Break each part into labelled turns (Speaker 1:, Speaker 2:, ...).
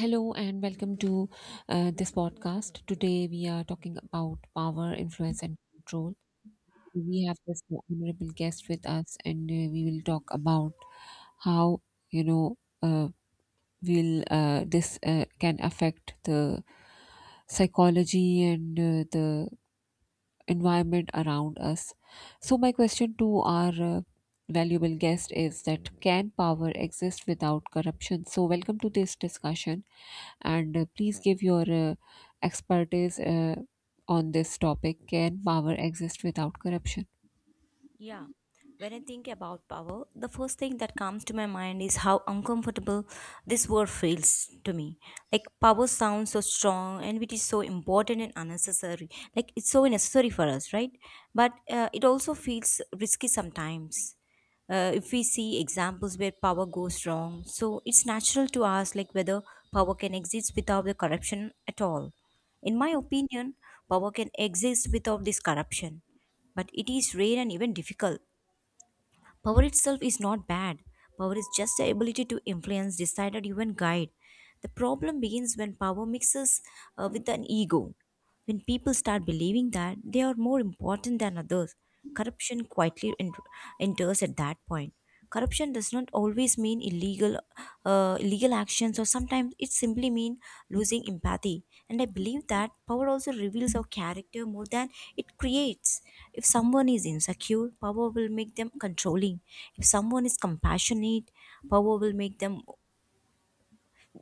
Speaker 1: Hello and welcome to this podcast. Today we are talking about power, influence, and control. We have this honorable guest with us, and we will talk about how you know will this can affect the psychology and the environment around us. So, my question to our valuable guest is that can power exist without corruption? So, welcome to this discussion, and please give your expertise on this topic. Can power exist without corruption?
Speaker 2: Yeah, when I think about power, the first thing that comes to my mind is how uncomfortable this word feels to me. Like power sounds so strong and it is so important and unnecessary. Like it's so necessary for us, right? But it also feels risky sometimes. If we see examples where power goes wrong, so it's natural to ask like whether power can exist without the corruption at all. In my opinion, power can exist without this corruption but it is rare and even difficult. Power itself is not bad. Power is just the ability to influence, decide, or even guide. The problem begins when power mixes with an ego. When people start believing that they are more important than others, corruption quietly ent- enters at that point. Corruption does not always mean illegal, illegal actions, or sometimes it simply means losing empathy. And I believe that power also reveals our character more than it creates. If someone is insecure, power will make them controlling. If someone is compassionate, power will make them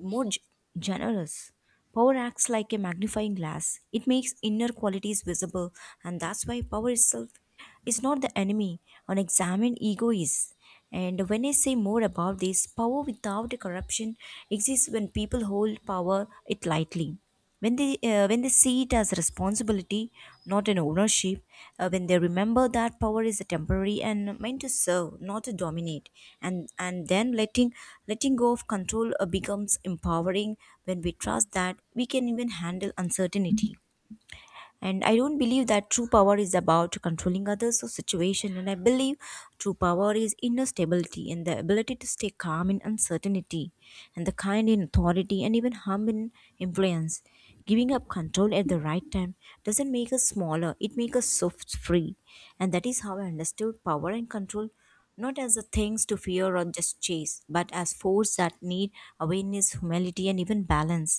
Speaker 2: more g- generous. Power acts like a magnifying glass. It makes inner qualities visible, and that's why power itself is not the enemy. Unexamined ego is. And when I say more about this, power without a corruption exists when people hold power it lightly when they see it as a responsibility not an ownership, when they remember that power is a temporary and meant to serve not to dominate, and then letting letting go of control becomes empowering when we trust that we can even handle uncertainty. And I don't believe that true power is about controlling others or situation, and I believe true power is inner stability and the ability to stay calm in uncertainty and the kind in authority and even hum in influence. Giving up control at the right time doesn't make us smaller, it makes us soft free, and that is how I understood power and control, not as the things to fear or just chase but as force that need awareness, humility and even balance.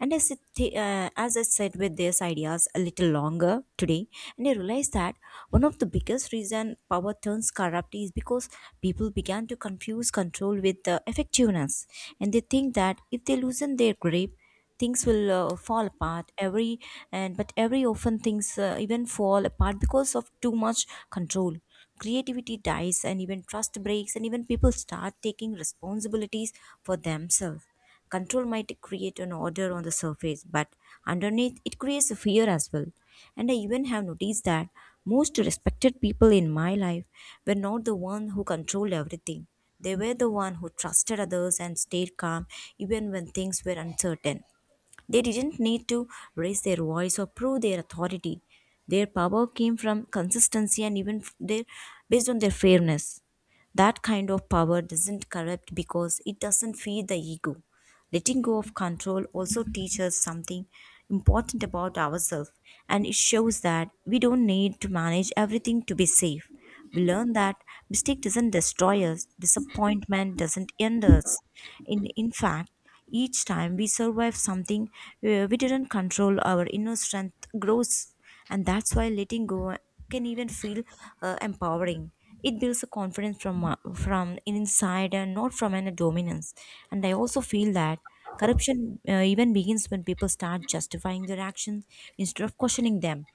Speaker 2: And as, it, t- uh, as I said with these ideas a little longer today, and I realized that one of the biggest reason power turns corrupt is because people began to confuse control with effectiveness, and they think that if they loosen their grip, things will fall apart. Every and but every often things even fall apart because of too much control. Creativity dies, and even trust breaks, and even people start taking responsibilities for themselves. Control might create an order on the surface, but underneath it creates a fear as well. And I even have noticed that most respected people in my life were not the one who controlled everything. They were the one who trusted others and stayed calm even when things were uncertain. They didn't need to raise their voice or prove their authority. Their power came from consistency and even f- their based on their fairness. That kind of power doesn't corrupt because it doesn't feed the ego. Letting go of control also teaches something important about ourselves, and it shows that we don't need to manage everything to be safe. We learn that mistake doesn't destroy us, disappointment doesn't end us. In fact, each time we survive something we didn't control, our inner strength grows, and that's why letting go can even feel empowering. It builds a confidence from inside and not from an dominance. And I also feel that corruption even begins when people start justifying their actions instead of questioning them.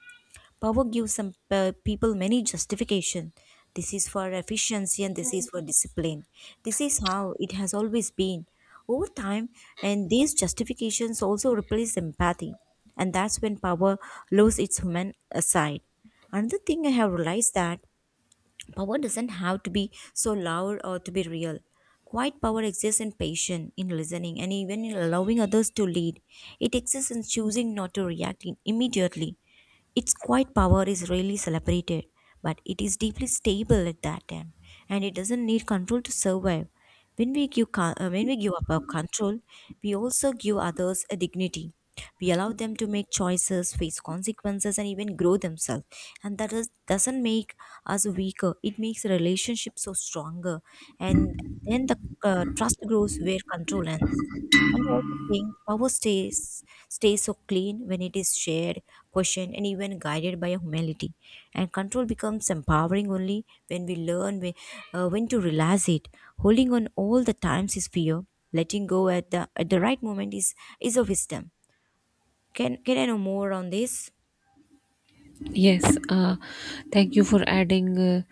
Speaker 2: Power gives some people many justification. This is for efficiency and this is for discipline. This is how it has always been. Over time, and these justifications also replace empathy, and that's when power loses its human aside. Another thing I have realized that power doesn't have to be so loud or to be real. Quiet power exists in patience, in listening, and even in allowing others to lead. It exists in choosing not to immediately. Its quiet power is rarely celebrated, but it is deeply stable at that time, and it doesn't need control to survive. When we give up our control, we also give others a dignity. We allow them to make choices, face consequences, and even grow themselves. And that is, doesn't make as weaker. It makes relationships so stronger, and then the trust grows where control ends. And I also think power stays so clean when it is shared, questioned, and even guided by humility. And control becomes empowering only when we learn when to realize it. Holding on all the times is fear. Letting go at the right moment is a wisdom. Can I know more on this?
Speaker 1: Yes, thank you for adding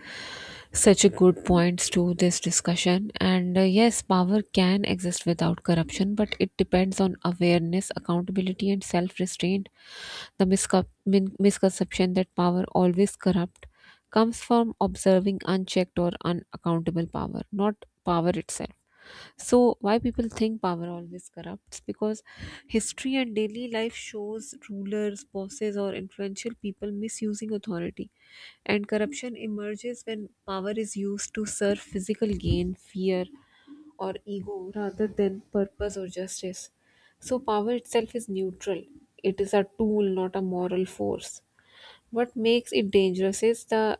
Speaker 1: such a good points to this discussion. And yes, power can exist without corruption, but it depends on awareness, accountability, and self-restraint. The misconception that power always corrupt comes from observing unchecked or unaccountable power, not power itself. So why people think power always corrupts? Because history and daily life shows rulers, bosses, or influential people misusing authority, and corruption emerges when power is used to serve physical gain, fear, or ego rather than purpose or justice. So power itself is neutral. It is a tool, not a moral force. What makes it dangerous is the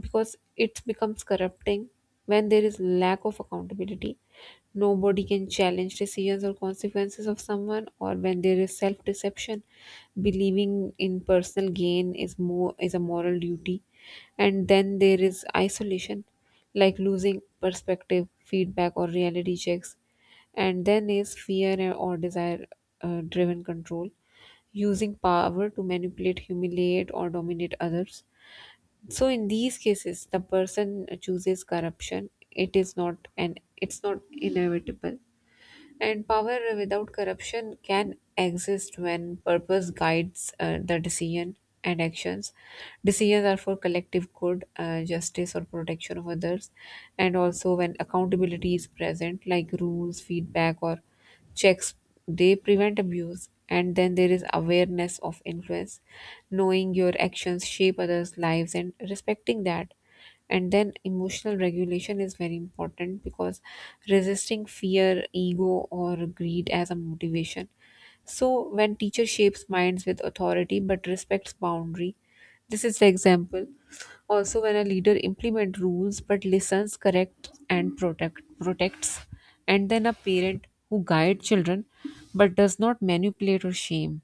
Speaker 1: because it becomes corrupting when there is lack of accountability, nobody can challenge decisions or consequences of someone, or when there is self deception, believing in personal gain is more is a moral duty. And then there is isolation, like losing perspective, feedback, or reality checks. And then is fear or desire driven control, using power to manipulate, humiliate, or dominate others. So in these cases, the person chooses corruption. It is not an. It's not inevitable. And power without corruption can exist when purpose guides the decision and actions. Decisions are for collective good, justice, or protection of others. And also, when accountability is present, like rules, feedback, or checks, they prevent abuse. And then there is awareness of influence, knowing your actions shape others' lives and respecting that. And then emotional regulation is very important because resisting fear, ego, or greed as a motivation. So when teacher shapes minds with authority but respects boundary, this is the example. Also when a leader implement rules but listens, corrects, and protects. And then a parent who guide children but does not manipulate or shame.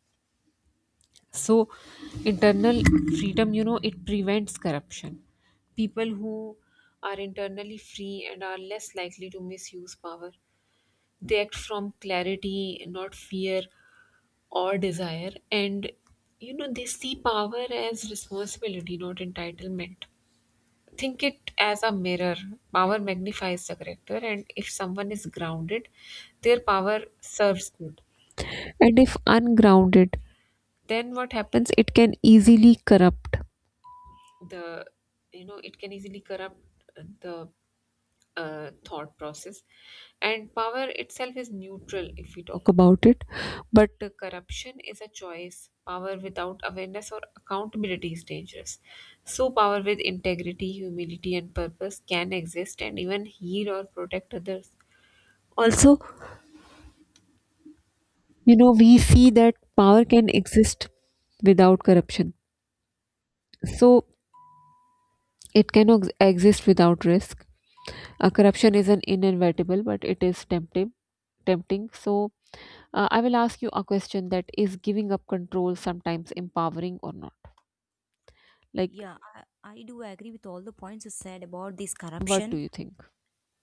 Speaker 1: So internal freedom, you know, it prevents corruption. People who are internally free and are less likely to misuse power, they act from clarity, not fear or desire. And you know, they see power as responsibility, not entitlement. Think it as a mirror. Power magnifies the character, and if someone is grounded, their power serves good. And if ungrounded, then what happens, it can easily corrupt the, you know, it can easily corrupt the thought process. And power itself is neutral if we talk about it, but corruption is a choice. Power without awareness or accountability is dangerous. So power with integrity, humility, and purpose can exist and even heal or protect others. Also, you know, we see that power can exist without corruption. So it cannot exist without risk. Corruption is an inevitable, but it is tempting. Tempting. So, I will ask you a question, that is giving up control sometimes empowering or not? Like,
Speaker 2: Yeah, I do agree with all the points you said about this
Speaker 1: what do
Speaker 2: corruption.
Speaker 1: you think?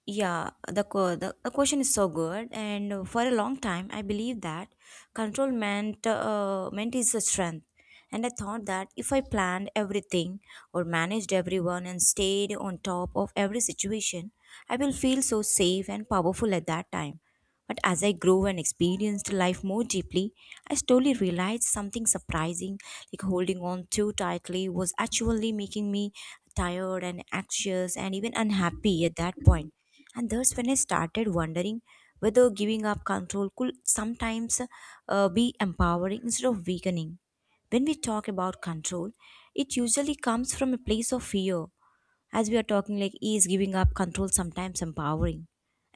Speaker 2: Yeah, the question is so good, and for a long time, I believed that control meant meant is a strength, and I thought that if I planned everything or managed everyone and stayed on top of every situation, I will feel so safe and powerful at that time. But as I grew and experienced life more deeply, I slowly realized something surprising, like holding on too tightly was actually making me tired and anxious and even unhappy at that point, and thus, when I started wondering whether giving up control could sometimes be empowering instead of weakening. When we talk about control, it usually comes from a place of fear. As we are talking, like, is giving up control sometimes empowering?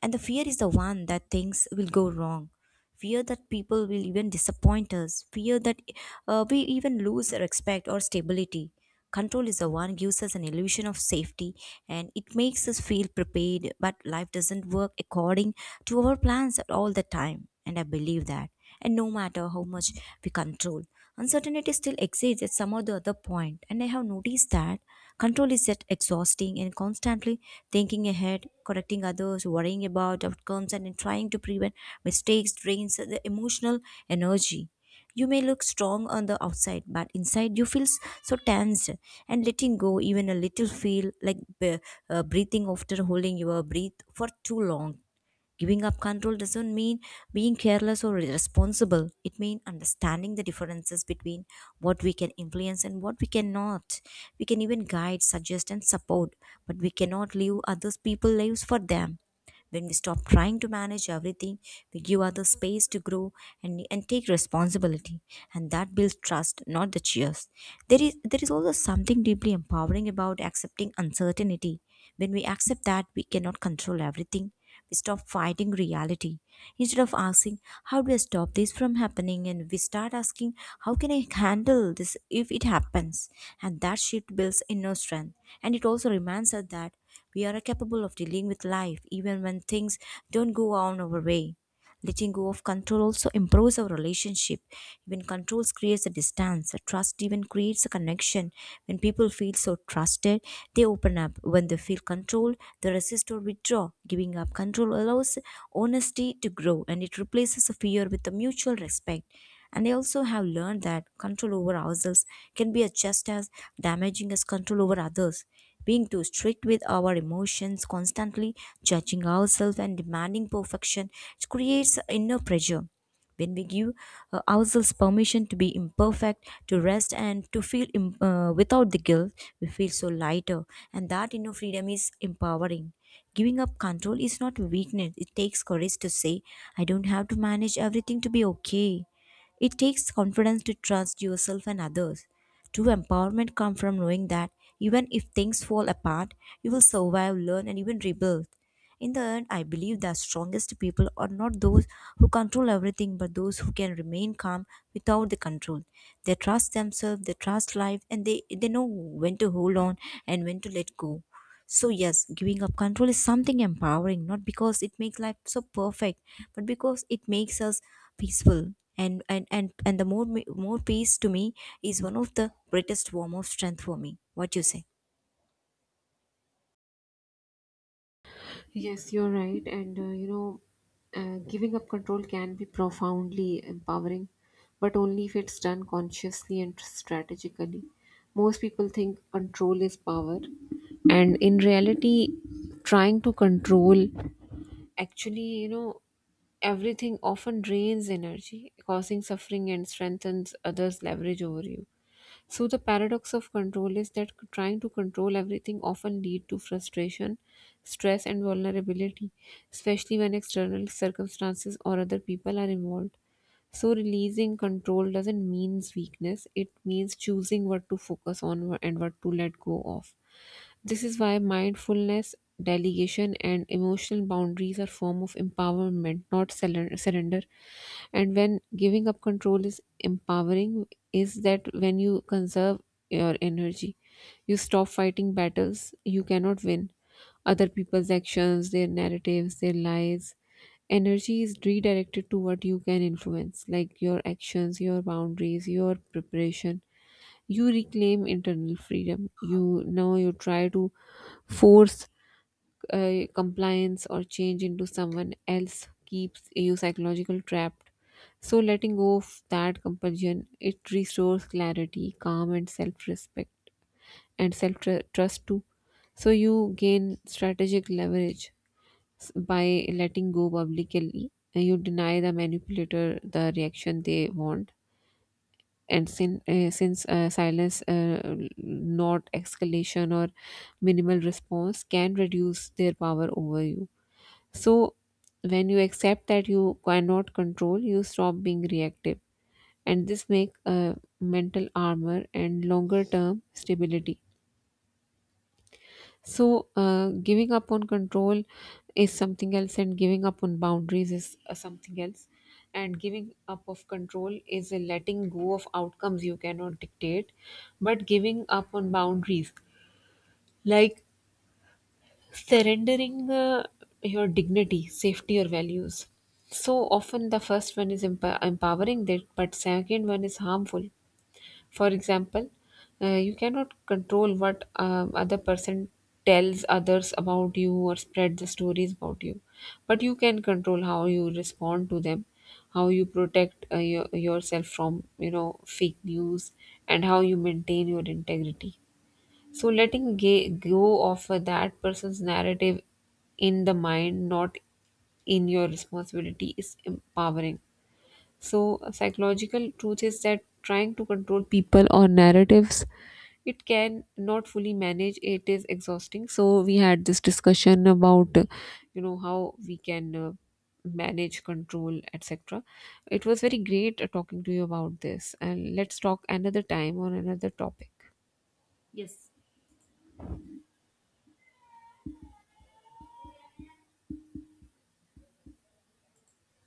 Speaker 2: And the fear is the one that things will go wrong, fear that people will even disappoint us, fear that we even lose respect or stability. Control is the one gives us an illusion of safety, and it makes us feel prepared, but life doesn't work according to our plans at all the time. And I believe that. And no matter how much we control. Uncertainty still exists at some or the other point, and I have noticed that control is yet exhausting and constantly thinking ahead, correcting others, worrying about outcomes, and then trying to prevent mistakes drains the emotional energy. You may look strong on the outside, but inside you feel so tensed, and letting go even a little feel like breathing after holding your breath for too long. Giving up control doesn't mean being careless or irresponsible. It means understanding the differences between what we can influence and what we cannot. We can even guide, suggest, and support, but we cannot live others people's lives for them. When we stop trying to manage everything, we give others space to grow and take responsibility. And that builds trust, not the cheers. There is also something deeply empowering about accepting uncertainty. When we accept that we cannot control everything, we stop fighting reality. Instead of asking, how do I stop this from happening? And we start asking, how can I handle this if it happens? And that shift builds inner strength. And it also reminds us that we are capable of dealing with life even when things don't go on our way. Letting go of control also improves our relationship. Even controls creates a distance. Trust even creates a connection. When people feel so trusted, they open up. When they feel controlled, they resist or withdraw. Giving up control allows honesty to grow, and it replaces fear with a mutual respect. And I also have learned that control over ourselves can be just as damaging as control over others. Being too strict with our emotions, constantly judging ourselves and demanding perfection creates inner pressure. When we give ourselves permission to be imperfect, to rest, and to without the guilt, we feel so lighter, and that inner freedom is empowering. Giving up control is not weakness, it takes courage to say, I don't have to manage everything to be okay. It takes confidence to trust yourself and others. True empowerment comes from knowing that even if things fall apart, you will survive, learn, and even rebuild. In the end, I believe the strongest people are not those who control everything, but those who can remain calm without the control. They trust themselves, they trust life, and they know when to hold on and when to let go. So, yes, giving up control is something empowering, not because it makes life so perfect, but because it makes us peaceful, and the more peace to me is one of the greatest form of strength for me. What you say?
Speaker 1: Yes, you're right. And you know, giving up control can be profoundly empowering, but only if it's done consciously and strategically. Most people think control is power, and in reality, trying to control actually, you know, everything often drains energy, causing suffering and strengthens others' leverage over you. So the paradox of control is that trying to control everything often lead to frustration, stress, and vulnerability, especially when external circumstances or other people are involved. So, releasing control doesn't mean weakness, it means choosing what to focus on and what to let go of. This is why mindfulness, delegation, and emotional boundaries are form of empowerment, not surrender. And when giving up control is empowering, is that when you conserve your energy, you stop fighting battles you cannot win, other people's actions, their narratives, their lies, energy is redirected to what you can influence, like your actions, your boundaries, your preparation. You reclaim internal freedom. You try to force compliance or change into someone else, keeps you psychological trapped. So letting go of that compulsion, it restores clarity, calm, and self-respect and self-trust too. So you gain strategic leverage. By letting go publicly, you deny the manipulator the reaction they want. And since silence, not escalation or minimal response, can reduce their power over you. So, when you accept that you cannot control, you stop being reactive, and this make a mental armor and longer term stability. So, giving up on control is something else, and giving up on boundaries is something else. And giving up of control is a letting go of outcomes you cannot dictate, but giving up on boundaries, like surrendering your dignity, safety, or values. So often, the first one is empowering, that, but second one is harmful. For example, you cannot control what other person tells others about you or spread the stories about you, but you can control how you respond to them, how you protect yourself from, you know, fake news, and how you maintain your integrity. So letting go of that person's narrative in the mind, not in your responsibility, is empowering. So, a psychological truth is that trying to control people or narratives, it can not fully manage. It is exhausting. So, we had this discussion about, you know, how we can manage, control, etc. It was very great talking to you about this, and let's talk another time on another topic.
Speaker 2: Yes.